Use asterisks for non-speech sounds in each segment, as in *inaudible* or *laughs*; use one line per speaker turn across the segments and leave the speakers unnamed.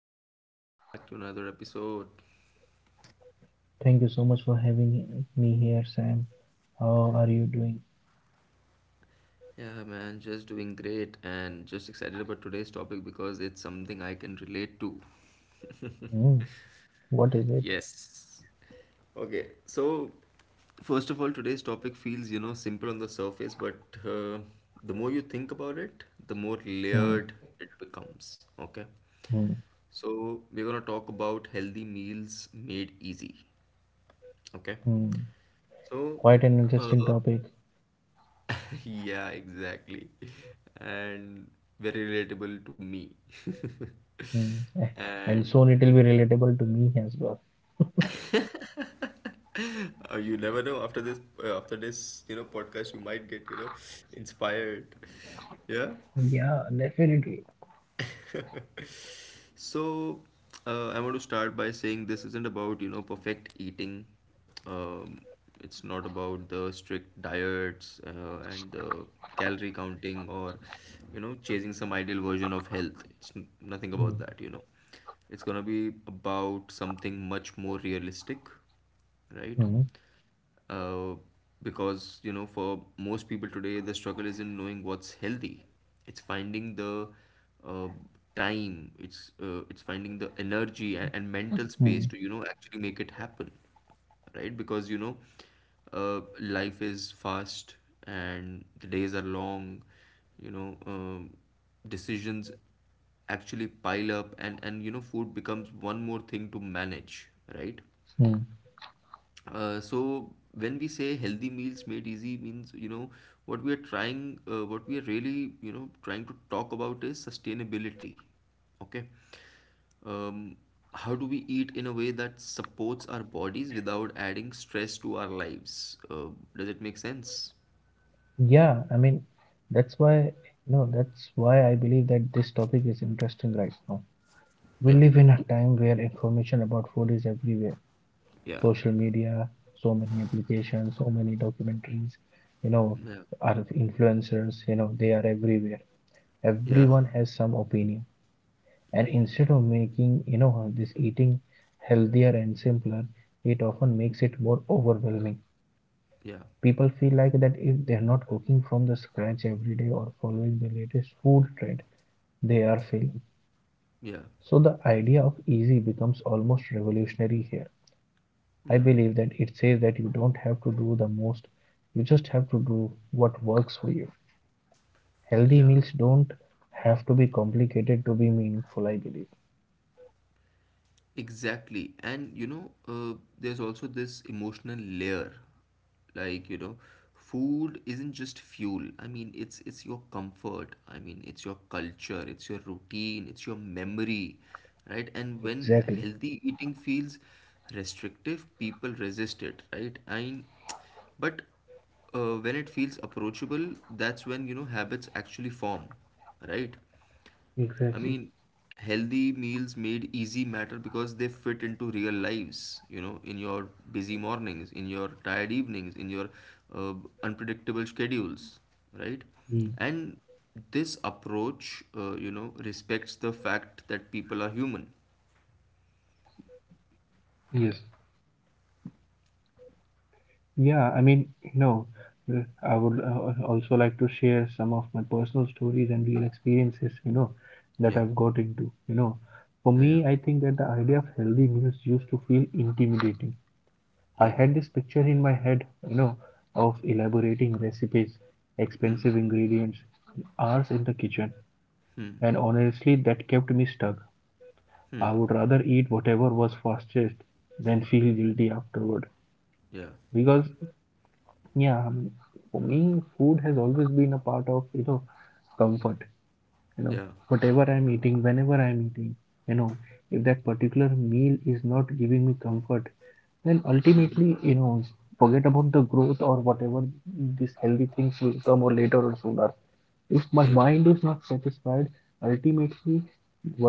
what's up? Welcome back to another episode.
Thank you so much for having me here, Sam. How are you doing?
Yeah, man, just doing great and just excited about today's topic because it's something I can relate to. *laughs*
Hmm. What is it?
Yes. Okay, so first of all, today's topic feels, you know, simple on the surface, but the more you think about it, the more
Hmm.
layered it becomes. Okay,
Hmm.
so we're gonna talk about healthy meals made easy. Okay,
Hmm.
so
Quite an
uh,
interesting topic.
*laughs* Yeah, exactly. And very relatable to me.
Hmm.
*laughs*
*laughs*
And
And soon it will be relatable to me as well.
you never know after this, you know, podcast you might get, you know, inspired. Yeah.
Yeah, definitely.
*laughs* So, I want to start by saying this isn't about, you know, perfect eating. Um, it's not about the strict diets and the calorie counting or, you know, chasing some ideal version of health. It's nothing about
Hmm.
that, you know. It's gonna be about something much more realistic, right?
Hmm.
uh, because you know, for most people today, the struggle isn't knowing what's healthy, it's finding the uh, time, it's it's finding the energy and, mental space
Hmm.
to, you know, actually make it happen, right? Because you know, life is fast and the days are long, you know. Decisions actually pile up, and you know, food becomes one more thing to manage, right?
Hmm.
So when we say healthy meals made easy, means you know, what we are really, you know, trying to talk about is sustainability. Okay. um, how do we eat in a way that supports our bodies without adding stress to our lives? Does it make sense?
Yeah, I mean, that's why, no, that's why I believe that this topic is interesting right now.
Yeah,
We live in a time where information about food is everywhere.
yeah,
Social media, so many applications, so many documentaries, you know,
yeah,
are influencers, you know, they are everywhere.
yeah,
Everyone has some opinion. And instead of making, you know, this eating healthier and simpler, it often makes it more overwhelming.
yeah,
People feel like that if they're not cooking from the scratch every day or following the latest food trend, they are failing.
yeah,
So the idea of easy becomes almost revolutionary here.
yeah,
I believe that it says that you don't have to do the most, you just have to do what works for you. Healthy
yeah.
meals don't have to be complicated to be meaningful, I believe.
Exactly. And you know, there's also this emotional layer. Like, you know, food isn't just fuel. I mean, it's your comfort. I mean, it's your culture, it's your routine, it's your memory, right? And when
Exactly.
healthy eating feels restrictive, people resist it, right? And but when it feels approachable, that's when, you know, habits actually form, right? I
Exactly.
mean, healthy meals made easy matter because they fit into real lives, you know, in your busy mornings, in your tired evenings, in your uh, unpredictable schedules, right?
Mm.
And this approach, you know, respects the fact that people are human.
Yes. Yeah, I mean, you know, uh, I would also like to share some of my personal stories and real experiences, you know,
Yeah,
that I've got into. You know, for
yeah, yeah,
me, I think that the idea of healthy meals used to feel intimidating. I
yeah.
had this picture in my head, you know, of elaborating recipes,
Hmm,
expensive ingredients, hours in the kitchen,
hmm,
and honestly, that kept me stuck.
hmm.
I would rather eat whatever was fastest than feel guilty afterward.
Yeah,
Because, yeah, for me, food has always been a part of, you know, comfort. You know,
yeah,
whatever I'm eating, whenever I'm eating, you know, if that particular meal is not giving me comfort, then
hmm, hmm.
ultimately, you know, forget about the growth or whatever these healthy things will come or later or sooner. If my
Yeah,
mind is not satisfied, ultimately,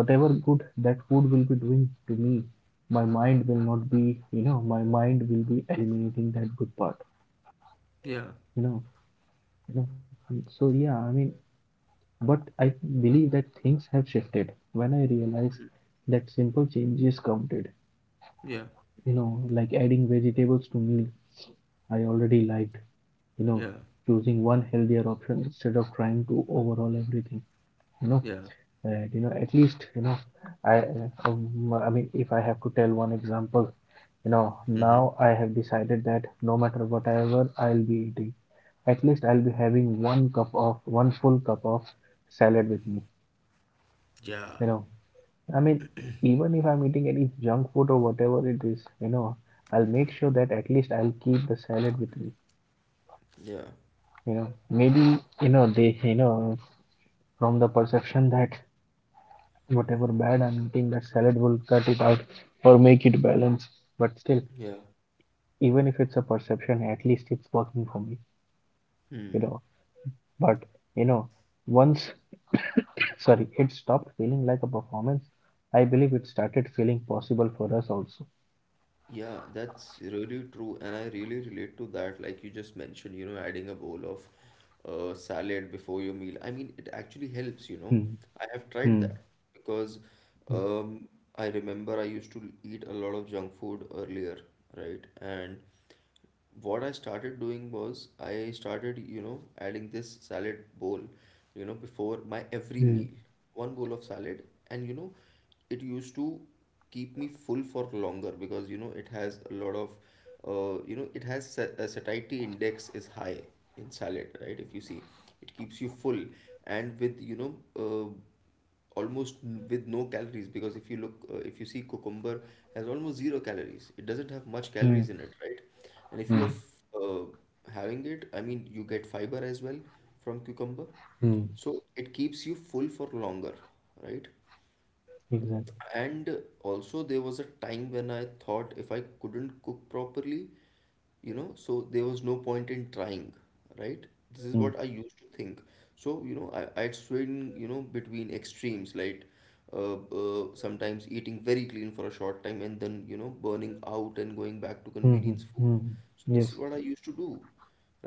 whatever good that food will be doing to me, my mind will not be, you know, my mind will be eliminating that good part,
yeah,
you know, you know. And so yeah, I mean, but I believe that things have shifted when I realized that simple changes counted,
yeah,
you know, like adding vegetables to meal I already liked, you know,
yeah,
choosing one healthier option instead of trying to overhaul everything, you know.
yeah,
And you know, at least, you know, i I mean if I have to tell one example, you know,
hmm, hmm.
now I have decided that no matter whatever I'll be eating, at least I'll be having one cup of one full cup of salad with me,
Yeah,
you know. I mean, even if I'm eating any junk food or whatever it is, you know, I'll make sure that at least I'll keep the salad with me,
yeah,
you know. Maybe, you know, they, you know, from the perception that whatever bad I'm eating, that salad will cut it out or make it balance. But still,
yeah.
even if it's a perception, at least it's working for me, you know. But, you know, once sorry, it stopped feeling like a performance. I believe it started feeling possible for us also.
Yeah, that's really true, and I really relate to that. Like you just mentioned, you know, adding a bowl of salad before your meal. I mean, it actually helps, you know.
Hmm.
I have tried
Hmm.
that because
Hmm.
um, I remember I used to eat a lot of junk food earlier, right? And what I started doing was I started, you know, adding this salad bowl, you know, before my every meal.
Hmm.
One bowl of salad, and you know, it used to keep me full for longer because you know, it has a lot of, you know, it has satiety index is high in salad, right? If you see, it keeps you full, and with you know, uh, almost with no calories, because if you look if you see, cucumber has almost zero calories, it doesn't have much
Hmm.
calories in it, right? And if you're
Hmm.
having it, I mean, you get fiber as well from cucumber.
Hmm.
So it keeps you full for longer, right?
Exactly.
And also, there was a time when I thought if I couldn't cook properly, you know, so there was no point in trying, right? This is
Hmm.
what I used to think. So you know, I'd swing, you know, between extremes, like uh, sometimes eating very clean for a short time and then, you know, burning out and going back to
Hmm. Hmm.
convenience food.
Hmm. Hmm.
So this is
Yes.
what I used to do,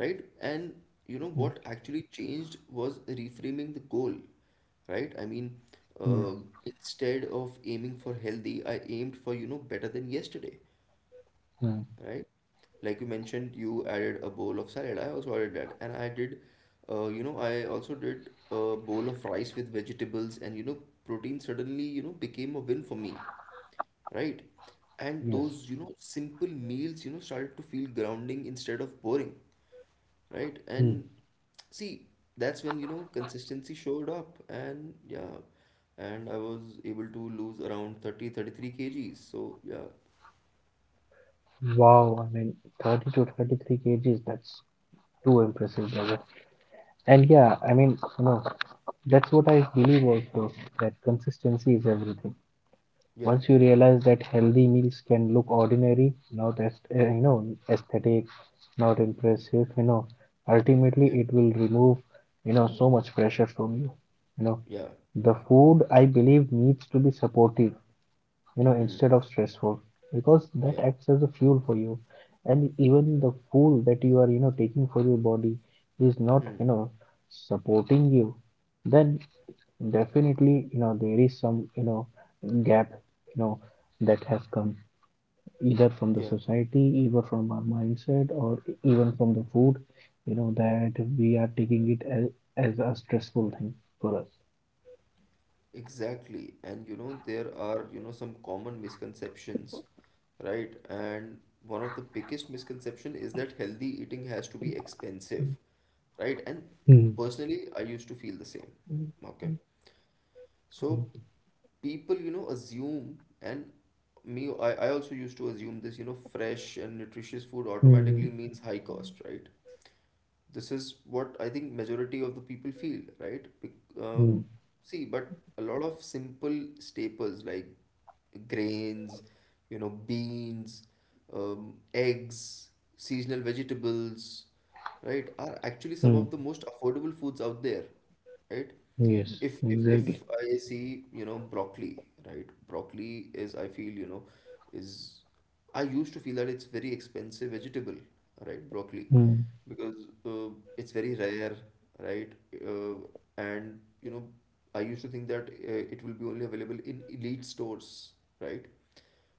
right? And you know
Hmm.
what actually changed was reframing the goal, right? I mean, uh,
Yes.
instead of aiming for healthy, I aimed for, you know, better than yesterday,
Hmm. Hmm.
right? Like you mentioned, you added a bowl of salad. I also added that, and I did, you know, I also did a bowl of rice with vegetables, and you know, protein suddenly, you know, became a win for me, right? And
Yes.
those, you know, simple meals, you know, started to feel grounding instead of boring, right?
Hmm.
And see, that's when, you know, consistency showed up, and yeah, and I was able to lose around thirty three kgs. So yeah,
Wow. I mean, 30 to 33 kgs. That's too impressive, brother. And yeah, I mean, you know, that's what I believe also, that consistency is everything.
yeah,
Once you realize that healthy meals can look ordinary, not as you know, aesthetic, not impressive, you know, ultimately
yeah,
it will remove, you know, so much pressure from you. You know,
yeah.
the food I believe needs to be supportive, you know,
Hmm.
instead of stressful, because that
Yeah.
acts as a fuel for you. And even the food that you are, you know, taking for your body is not,
Hmm.
you know, supporting you, then definitely, you know, there is some, you know, gap, you know, that has come either from the
Yeah,
society, either from our mindset, or even from the food, you know, that we are taking it as a stressful thing for us.
exactly. And you know, there are, you know, some common misconceptions, right? And one of the biggest misconception is that healthy eating has to be expensive, right? And
Mm,
personally, I used to feel the same. Okay.
mm,
So
mm,
people, you know, assume, and me, I also used to assume this, you know, fresh and nutritious food automatically
mm,
means high cost, right? This is what I think, majority of the people feel, right?
mm,
See, but a lot of simple staples like grains, you know, beans, eggs, seasonal vegetables, right, are actually some of
mm.
the most affordable foods out there, right?
Yes,
If
exactly.
I see, you know, broccoli, right? Broccoli is, I feel, you know, is I used to feel that it's very expensive vegetable, right? Broccoli,
Mm,
because it's very rare, right? Uh, and you know, I used to think that it will be only available in elite stores, right?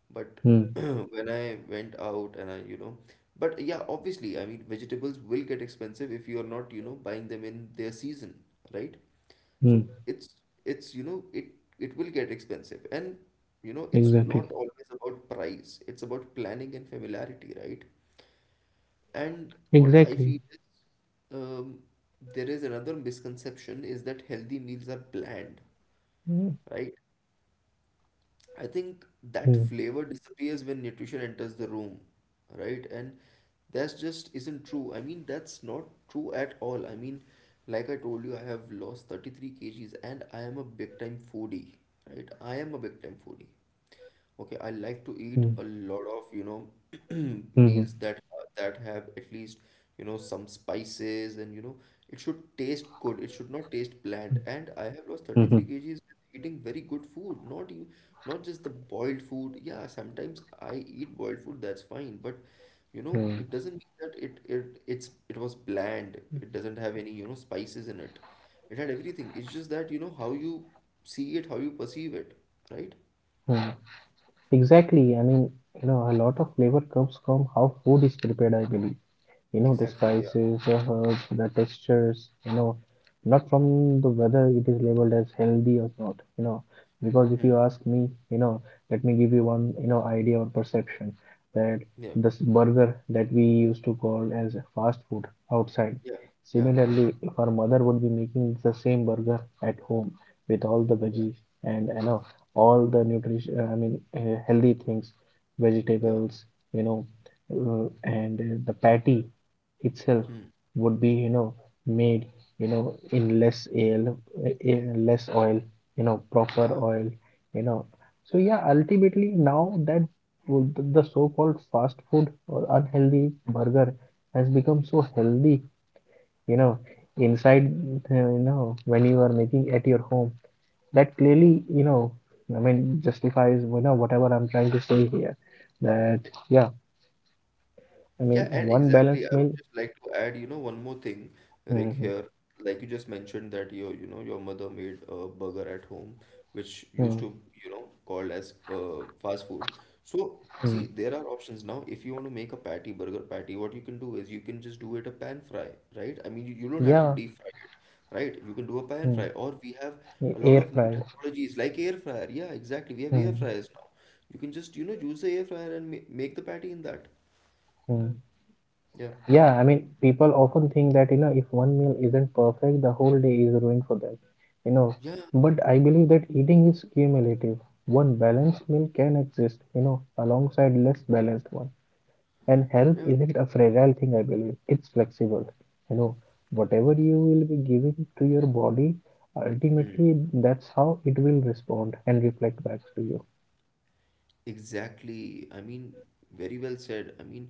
But
mm,
*clears throat* when I went out and I, you know, but yeah, obviously, I mean, vegetables will get expensive if you are not, you know, buying them in their season, right? So
mm,
it's you know, it will get expensive, and you know, it's not
exactly.
always about price. It's about planning and familiarity, right? And what I feel
Exactly.
is, um, there is another misconception is that healthy meals are bland,
Mm,
right? I think that
mm,
flavor disappears when nutrition enters the room, right? And that's just isn't true. I mean, that's not true at all. I mean, like I told you, I have lost 33 kgs and I am a big time foodie, right? I am a big time foodie. Okay, I like to eat
mm,
a lot of, you know, *clears throat*
mm,
meals that that have at least, you know, some spices and you know, it should taste good. It should not taste bland.
mm,
And I have lost 33
mm,
kgs eating very good food, not just the boiled food. Yeah, sometimes I eat boiled food, that's fine, but you know,
mm,
it doesn't mean that it was bland. It doesn't have any, you know, spices in it. It had everything. It's just that, you know, how you see it, how you perceive it, right?
mm. Exactly. I mean, you know, a lot of flavor comes from how food is prepared, I believe. You know, the
Exactly, yeah.
spices, the herbs, the textures, you know, not from the whether it is labeled as healthy or not, you know. Because if
Hmm.
you ask me, you know, let me give you one, you know, idea or perception that
Yeah.
this burger that we used to call as fast food outside,
Yeah. Yeah. Yeah.
similarly if our mother would be making the same burger at home with all the
Yeah.
veggies and, you know, all the nutrition, I mean, healthy things,
Yeah.
vegetables, you know, uh, and the patty itself
Hmm.
would be, you know, made, you know, in less oil, in less oil, you know, proper
Yeah.
oil, you know.
Yeah.
So yeah, ultimately now that the so-called fast food or unhealthy burger has become so healthy, you know, inside, you know, when you are making at your home, that
Yeah.
clearly, you know, I mean justifies, you know, whatever I'm trying to say here, that yeah, I
Yeah,
mean,
and
one
exactly. I
balanced
would
meal.
just like to add, you know, one more thing, Rick,
Mm-hmm.
here. Like you just mentioned that your, you know, your mother made a burger at home, which used
Mm-hmm.
to, you know, called as fast food. So, see, there are options now. If you want to make a patty, burger patty, what you can do is you can just do it a pan fry, right? I mean, you don't have to
Yeah,
deep fry it, right? You can do a pan
mm,
fry, or we have a
a-
lot of
air
new
fried.
technologies like air fryer. Yeah, exactly. We have air
Mm,
fryers now. You can just, you know, use the air fryer and ma make the patty in that.
mm.
Yeah.
Yeah, I mean, people often think that, you know, if one meal isn't perfect, the whole day is ruined for them, you know.
Yeah,
But I believe that eating is cumulative. One
yeah,
balanced meal can exist, you know, alongside less balanced one. And health
yeah.
isn't a fragile thing, I believe. It's flexible. You know, whatever you will be giving to your body,
Hmm.
ultimately, that's how it will respond and reflect back to you.
Exactly. I mean, very well said. I mean,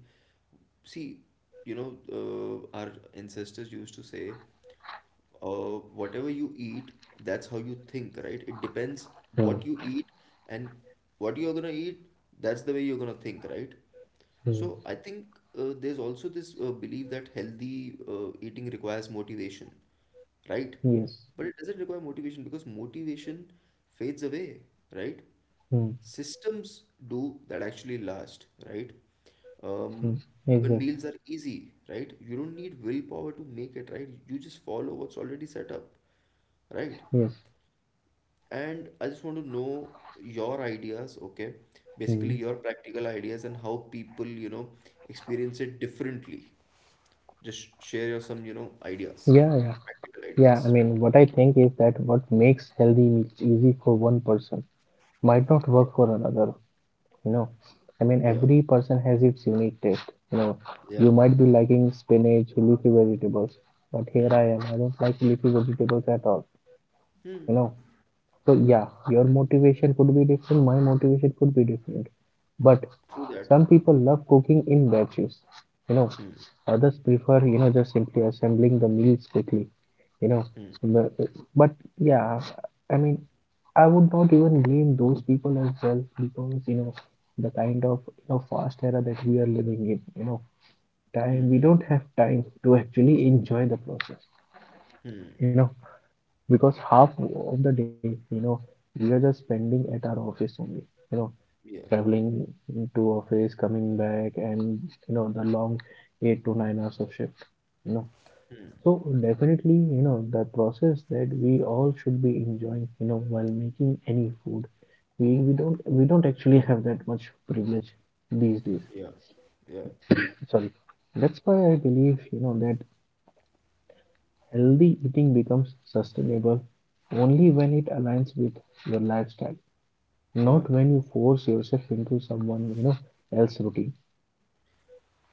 see, you know, our ancestors used to say whatever you eat, that's how you think, right? It depends
Mm,
what you eat and what you're gonna eat, that's the way you're gonna think, right?
mm.
So I think there's also this belief that healthy eating requires motivation, right?
Yes.
But it doesn't require motivation because motivation fades away, right?
Hmm.
Systems do that actually last, right? Um,
Mm,
when
exactly.
meals are easy, right? You don't need willpower to make it, right? You just follow what's already set up, right?
Yes.
And I just want to know your ideas, okay? Basically,
Mm.
your practical ideas and how people, you know, experience it differently. Just share your some, you know, ideas,
Yeah, yeah.
practical
Yeah, I
ideas.
mean, what I think is that what makes healthy meals easy for one person might not
Yeah.
work for another, you know. I mean,
Yeah.
every person has its unique taste, you know.
Yeah.
You might be liking spinach, leafy vegetables, but here I am, I don't like leafy vegetables at all,
Hmm.
you know. So yeah, your motivation could be different, my motivation could be different. But
True that.
some people love cooking in batches, you know. Others prefer, you know, just simply assembling the meals quickly, you know.
Hmm.
But, but yeah, I mean, I would not even blame those people as well, because you know the kind of, you know, fast era that we are living in. You know, time we don't have time to actually enjoy the process. You know, because half of the day, you know, we are just spending at our office only, you know,
Yeah.
traveling to office, coming back, and you know the long 8 to 9 hours of shift, you know. So definitely, you know, the process that we all should be enjoying, you know, while making any food, we don't actually have that much privilege these days,
Yeah. Yeah.
sorry. That's why I believe, you know, that healthy eating becomes sustainable only when it aligns with your lifestyle,
Yeah.
not when you force yourself into someone, you know, else routine.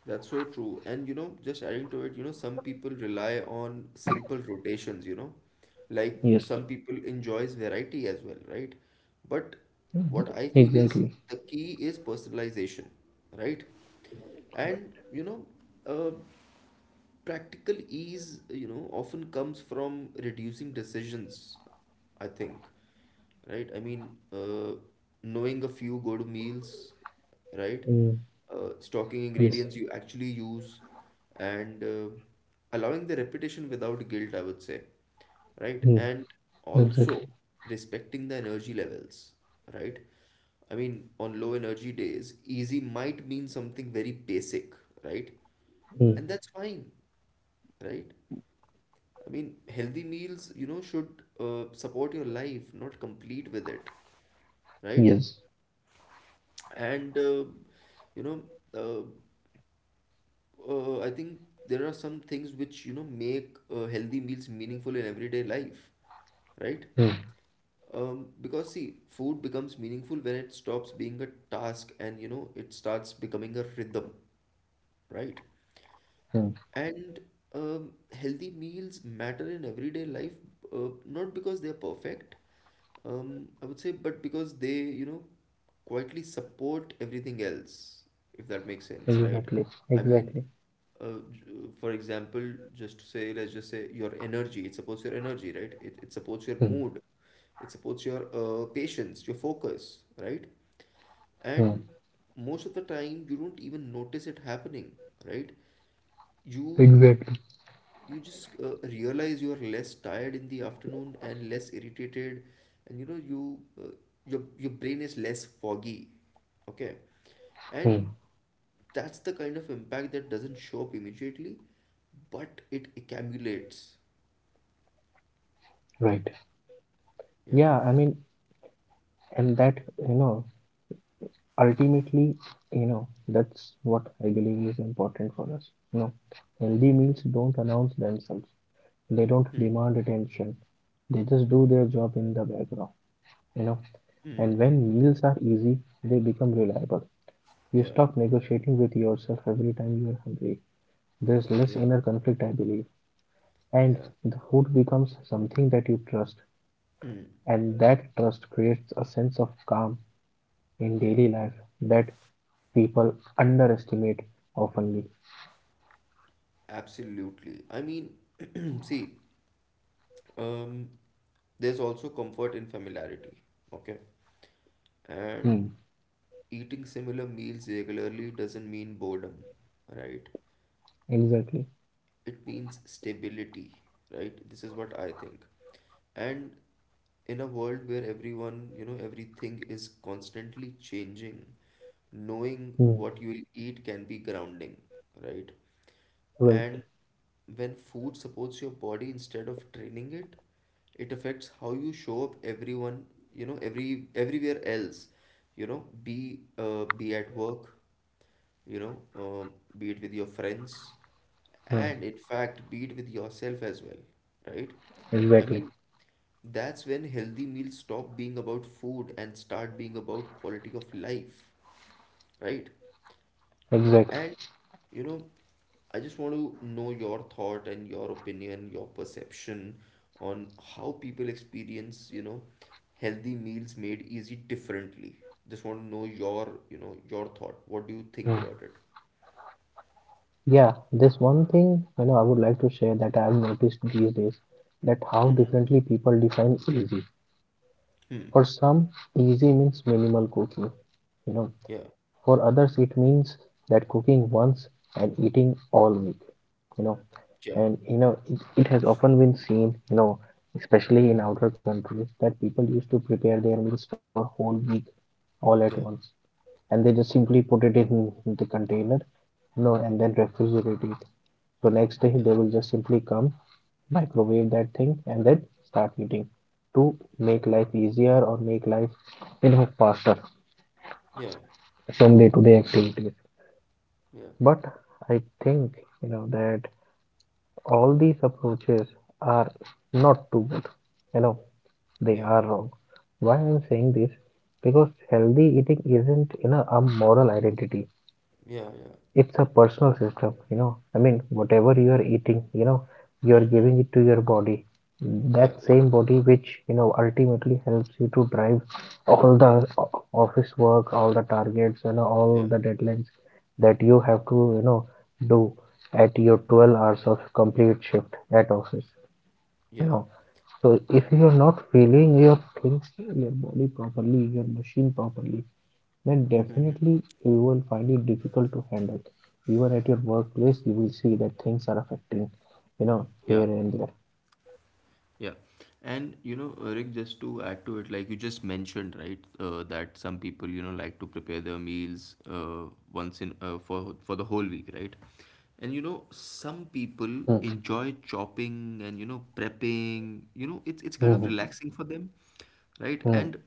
That's so true. And you know, just adding to it, you know, some people rely on simple rotations, you know, like
Yes.
some people enjoys variety as well, right? But what I feel is,
Exactly.
the key is personalization, right? And you know, uh, practical ease, you know, often comes from reducing decisions, I think, right? Knowing a few good meals, right?
Mm.
Stocking
Yes.
ingredients you actually use, and allowing the repetition without guilt, I would say, right?
Mm.
And also
Exactly.
respecting the energy levels, right? I mean, on low energy days easy might mean something very basic, right?
Mm.
And that's fine, right? I mean, healthy meals, you know, should support your life, not complete with it, right?
Yes.
And you know, uh, I think there are some things which, you know, make healthy meals meaningful in everyday life, right?
Mm.
Because see, food becomes meaningful when it stops being a task and, you know, it starts becoming a rhythm, right?
Mm.
And healthy meals matter in everyday life, not because they're perfect, I would say, but because they, you know, quietly support everything else, if that makes sense, right?
Exactly,
I mean,
exactly.
uh, j- for example, just to say, let's just say your energy, it supports your energy, right? It supports your
Mm.
mood, it supports your patience, your focus, right?
Mm.
And most of the time, you don't even notice it happening, right? You
Exactly.
you just realize you are less tired in the afternoon and less irritated, and you know you your brain is less foggy. Okay. And
Mm.
that's the kind of impact that doesn't show up immediately, but it accumulates.
Right.
Yeah.
Yeah, I mean, and that, you know, ultimately, you know, that's what I believe is important for us, you know. Healthy
Mhm.
meals don't announce themselves, they don't
Hmm.
demand attention, they just do their job in the background, you know.
Hmm.
And when meals are easy, they become reliable. You
Yeah,
stop negotiating with yourself every time you are hungry. There's less
yeah,
inner conflict, I believe. And
yeah.
the food becomes something that you trust.
Hmm.
And that trust creates a sense of calm in
Yeah,
daily life that people underestimate oftenly.
absolutely. I mean, *clears throat* see, um there's also comfort in familiarity. Okay.
Hmm.
And eating similar meals regularly doesn't mean boredom, right?
Exactly.
It means stability, right? This is what I think. And in a world where everyone, you know, everything is constantly changing, knowing
Hmm.
what you will eat can be grounding, right?
Right.
And when food supports your body instead of training it, it affects how you show up everyone, you know, everywhere else, you know, be at work, you know, be it with your friends,
Hmm.
and in fact, be it with yourself as well, right? I
Exactly.
mean, that's when healthy meals stop being about food and start being about quality of life, right?
Exactly.
And, you know, I just want to know your thought and your opinion, your perception on how people experience, you know, healthy meals made easy differently. Just want to know your, you know, your thought. What do you think
Hmm.
about it?
Yeah, this one thing, you know, I would like to share that I've noticed these days that how
Mm-hmm.
differently people define easy.
Hmm.
For some, easy means minimal cooking. You know,
Yeah,
for others, it means that cooking once and eating all week. You know,
yeah,
and you know, it has often been seen, you know, especially in outer countries, that people used to prepare their meals for whole week all at once,
yeah,
and they just simply
yeah,
put it in the container, you know, and then refrigerate it. So next day they will just simply come, microwave that thing, and then start eating to
yeah,
make life easier or make life, you know, faster
yeah,
from day to day activities.
yeah,
But I think, you know, that all these approaches are not too good, you know, they
yeah, yeah,
are wrong. Why I'm saying this, because healthy eating isn't, you know, a moral identity,
yeah, yeah, yeah.
it's a personal system, you know. I mean, whatever you are eating, you know, you are
Mm-hmm.
giving it to your body,
Yeah,
that
yeah,
same body which, you know, ultimately helps you to drive all the o- office work, all the targets, and
yeah,
all the deadlines that you have to, you know, do at your 12 hours of complete shift at office, you
yeah,
know. So if you are not feeling your things, your body properly, your machine properly, then definitely you will find it difficult to handle. Even at your workplace, you will see that things are affecting, you know, here
yeah.
and there.
Yeah. And you know, Rick, just to add to it, like you just mentioned, right, that some people, you know, like to prepare their meals once in for the whole week, right? And you know, some people enjoy chopping and, you know, prepping. You know, it's
Mm,
kind of
mhm,
relaxing for them, right?
mm,
And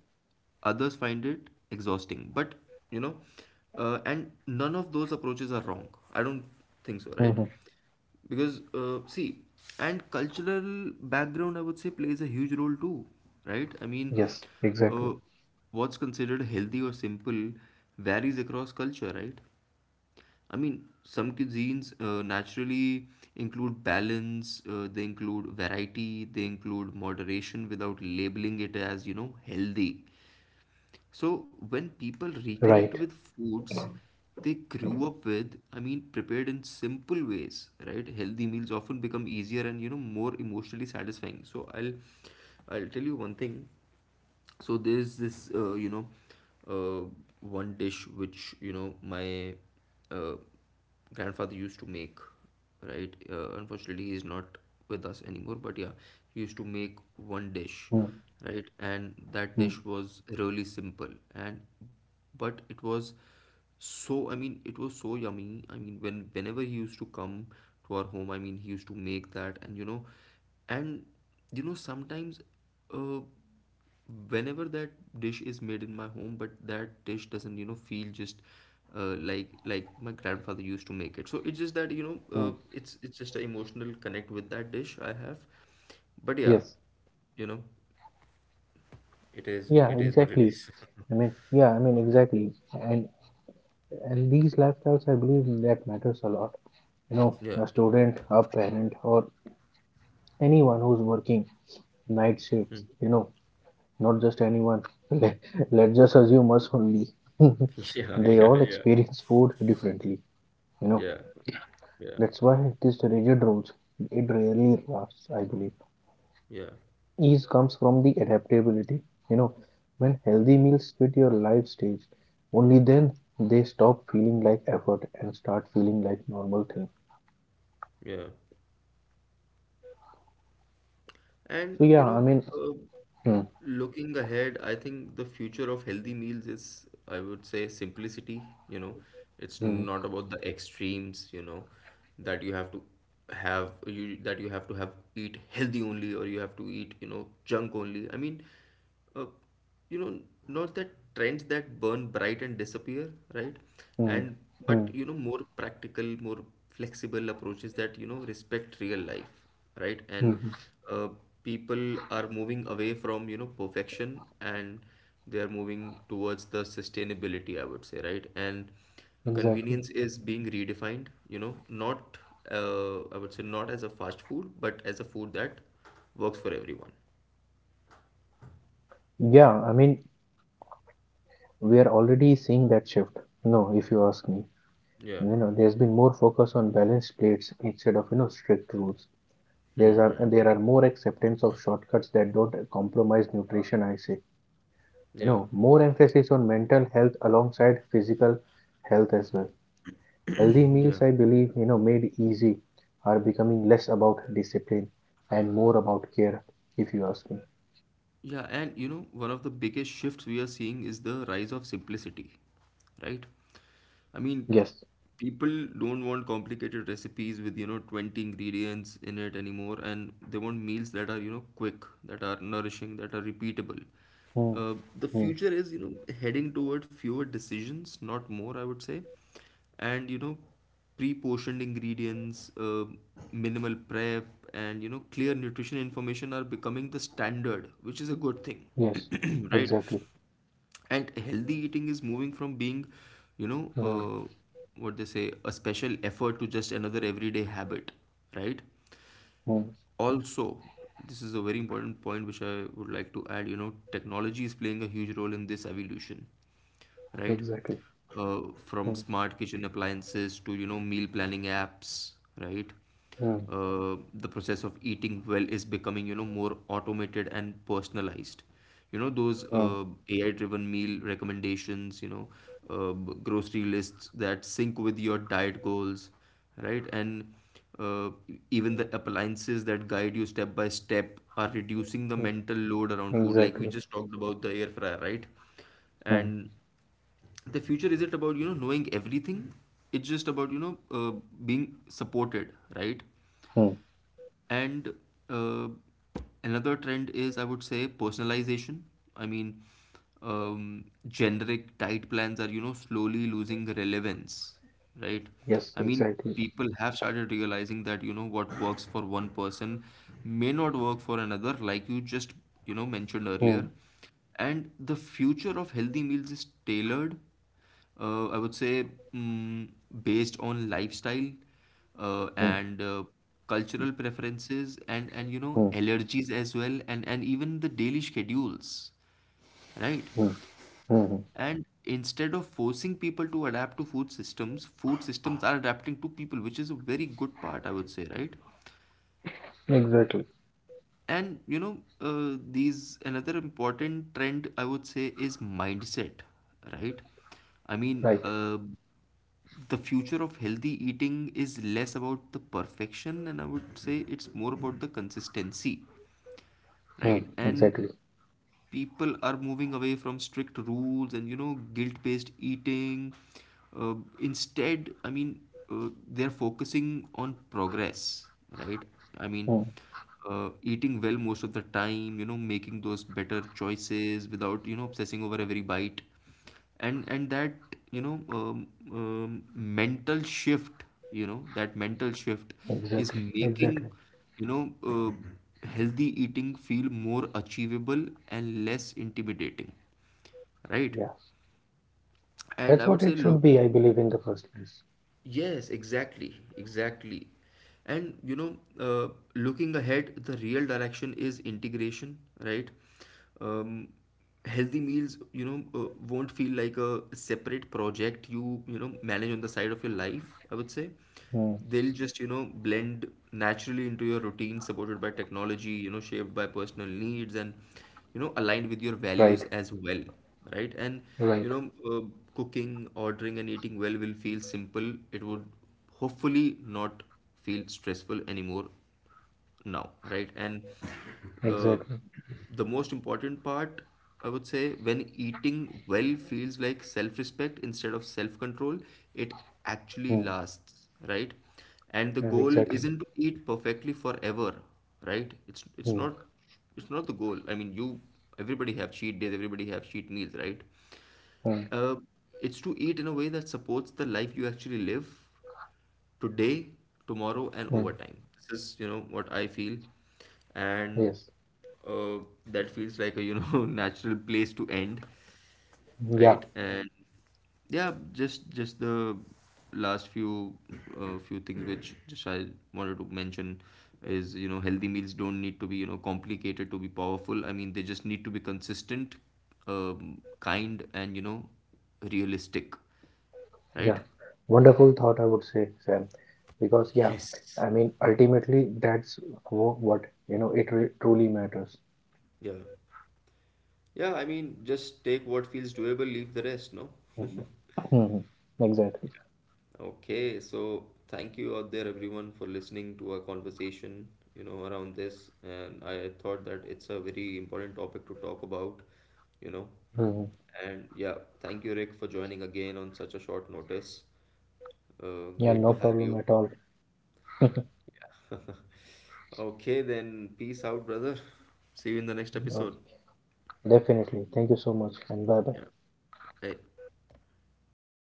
others find it exhausting. But you know, and none of those approaches are wrong. I don't think so, right?
mhm.
Because see, and cultural background, I would say, plays a huge role too, right? I mean,
Yes, exactly.
uh, what's considered healthy or simple varies across culture, right? I mean, some cuisines naturally include balance, they include variety, they include moderation without labeling it as, you know, healthy. So when people reconnect
Right.
with foods they grew up with, I mean, prepared in simple ways, right? Healthy meals often become easier and, you know, more emotionally satisfying. So I'll tell you one thing. So there's this you know, uh, one dish which, you know, my uh, grandfather used to make, right? Unfortunately he is not with us anymore, but yeah, he used to make one dish,
Mm,
right? And that
mm,
dish was really simple. And but it was, so I mean, it was so yummy. I mean, whenever he used to come to our home, I mean, he used to make that, and you know, and you know, sometimes uh whenever that dish is made in my home, but that dish doesn't, you know, feel just like my grandfather used to make it. So it's just that, you know,
mm.
it's just an emotional connect with that dish I have. But yeah,
Yes.
you know,
Yeah,
it is what it
exactly.
is. *laughs*
I mean, yeah, I mean, exactly. And these lifestyles, I believe that matters a lot. You know,
Yeah.
a student, a parent, or anyone who's working night shifts, you know, not just anyone. *laughs* Let, let's just assume us only. *laughs*
*laughs* Yeah,
They
yeah,
all
yeah.
experience food differently, you know.
Yeah, yeah,
That's why these rigid rules, it rarely lasts, I believe.
yeah,
Ease comes from the adaptability, you know. When healthy meals fit your life stage, only then they stop feeling like effort and start feeling like normal thing.
yeah. And
So yeah,
you
I
know,
mean,
uh,
hmm,
looking ahead, I think the future of healthy meals is, I would say, simplicity. You know, it's
hmm,
not about the extremes, you know, that you have to that you have to have eat healthy only or you have to eat, you know, junk only. I mean, uh, you know, not that trends that burn bright and disappear, right?
hmm,
And
hmm,
but you know, more practical, more flexible approaches that, you know, respect real life, right?
hmm,
And
hmm,
uh, people are moving away from, you know, perfection, and they are moving towards the sustainability, I would say, right? And
exactly.
convenience is being redefined, you know, not I would say, not as a fast food, but as a food that works for everyone.
Yeah, I mean, we are already seeing that shift. No, if you ask me,
Yeah.
you know, there's been more focus on balanced plates instead of, you know, strict rules. There are more acceptance of shortcuts that don't compromise nutrition. I say, you
Yeah.
know, more emphasis on mental health alongside physical health as well. Healthy
Yeah.
meals, I believe, you know, made easy, are becoming less about discipline and more about care. If you ask me,
Yeah, and you know, one of the biggest shifts we are seeing is the rise of simplicity, right? I mean,
yes.
people don't want complicated recipes with, you know, 20 ingredients in it anymore, and they want meals that are, you know, quick, that are nourishing, that are repeatable.
Hmm.
Uh, the
Hmm.
future is, you know, heading toward fewer decisions, not more, I would say. And, you know, pre-portioned ingredients, minimal prep, and, you know, clear nutrition information are becoming the standard, which is a good thing,
Yes,
*clears throat* right?
exactly.
And healthy eating is moving from being, you know,
Hmm.
what they say, a special effort to just another everyday habit, right?
Hmm.
Also, this is a very important point which I would like to add. You know, technology is playing a huge role in this evolution, right?
Exactly.
uh, from
Hmm.
smart kitchen appliances to, you know, meal planning apps, right?
Hmm.
The process of eating well is becoming, you know, more automated and personalized. You know, those
Hmm.
AI driven meal recommendations, you know, grocery lists that sync with your diet goals, right? And uh, even the appliances that guide you step by step are reducing the
Hmm.
mental load around food. Like we
Exactly.
just talked about the air fryer, right?
Hmm.
And the future isn't about, you know, knowing everything. It's just about, you know, being supported, right?
Hmm.
And uh, another trend is, I would say, personalization. I mean, generic diet plans are, you know, slowly losing relevance, right?
Yes,
I mean,
exactly.
people have started realizing that, you know, what works for one person may not work for another, like you just, you know, mentioned
Hmm.
earlier. And the future of healthy meals is tailored, I would say, based on lifestyle,
Hmm.
and cultural preferences and you know,
Hmm.
allergies as well, and even the daily schedules, right?
Hmm. Mm,
And instead of forcing people to adapt to food systems are adapting to people, which is a very good part, I would say, right?
exactly.
And you know, these another important trend, I would say, is mindset, right? I mean,
Right.
the future of healthy eating is less about the perfection, and I would say it's more about the consistency,
Hmm.
right? And
Exactly.
people are moving away from strict rules and, you know, guilt based eating. uh, Instead, I mean, they're focusing on progress, right? I mean,
Hmm.
eating well most of the time, you know, making those better choices without, you know, obsessing over every bite. And that, you know, mental shift, you know, that mental shift is
Exactly.
making,
Exactly.
you know, uh, healthy eating feel more achievable and less intimidating, right?
Yeah.
And
That's
I
what
would say
it should
look,
be, I believe, in the first place.
yes, exactly, exactly. And you know, looking ahead, the real direction is integration, right? Um, Healthy meals, you know, won't feel like a separate project you, you know, manage on the side of your life, I would say.
Hmm.
They'll just, you know, blend naturally into your routine, supported by technology, you know, shaped by personal needs, and you know, aligned with your
Right.
values as well, right? And you
Right.
know, cooking, ordering, and eating well will feel simple. It would hopefully not feel stressful anymore now, right? And uh,
Exactly.
the most important part, I would say, when eating well feels like self respect instead of self control, it actually
Hmm.
lasts, right? And the
Yeah,
goal
exactly.
isn't to eat perfectly forever, right? It's it's
Hmm.
not it's not the goal. I mean, you, everybody have cheat days, everybody have cheat meals, right?
Hmm.
Uh, it's to eat in a way that supports the life you actually live, today, tomorrow, and
Hmm.
overtime. This is, you know, what I feel, and
Yes.
uh, that feels like a, you know, *laughs* natural place to end,
Yeah.
right? And yeah, just the last few few things which just I wanted to mention is, you know, healthy meals don't need to be, you know, complicated to be powerful. I mean, they just need to be consistent, kind, and, you know, realistic,
Yeah.
right?
Wonderful thought, I would say, Sam. Because, yeah,
Yes.
I mean, ultimately, that's what, you know, it re truly matters.
Yeah. Yeah, I mean, just take what feels doable, leave the rest, no? *laughs*
Hmm. Hmm. Exactly.
Okay, so thank you out there, everyone, for listening to our conversation, you know, around this. And I thought that it's a very important topic to talk about, you know.
Mhm.
And yeah, thank you, Rick, for joining again on such a short notice.
Yeah, no
Great to
problem
have
at
you.
all.
Yeah. *laughs* Okay, then peace out, brother. See you in the next
Uh,
episode.
Definitely. Thank you so much, and bye bye.
Yeah. Hey.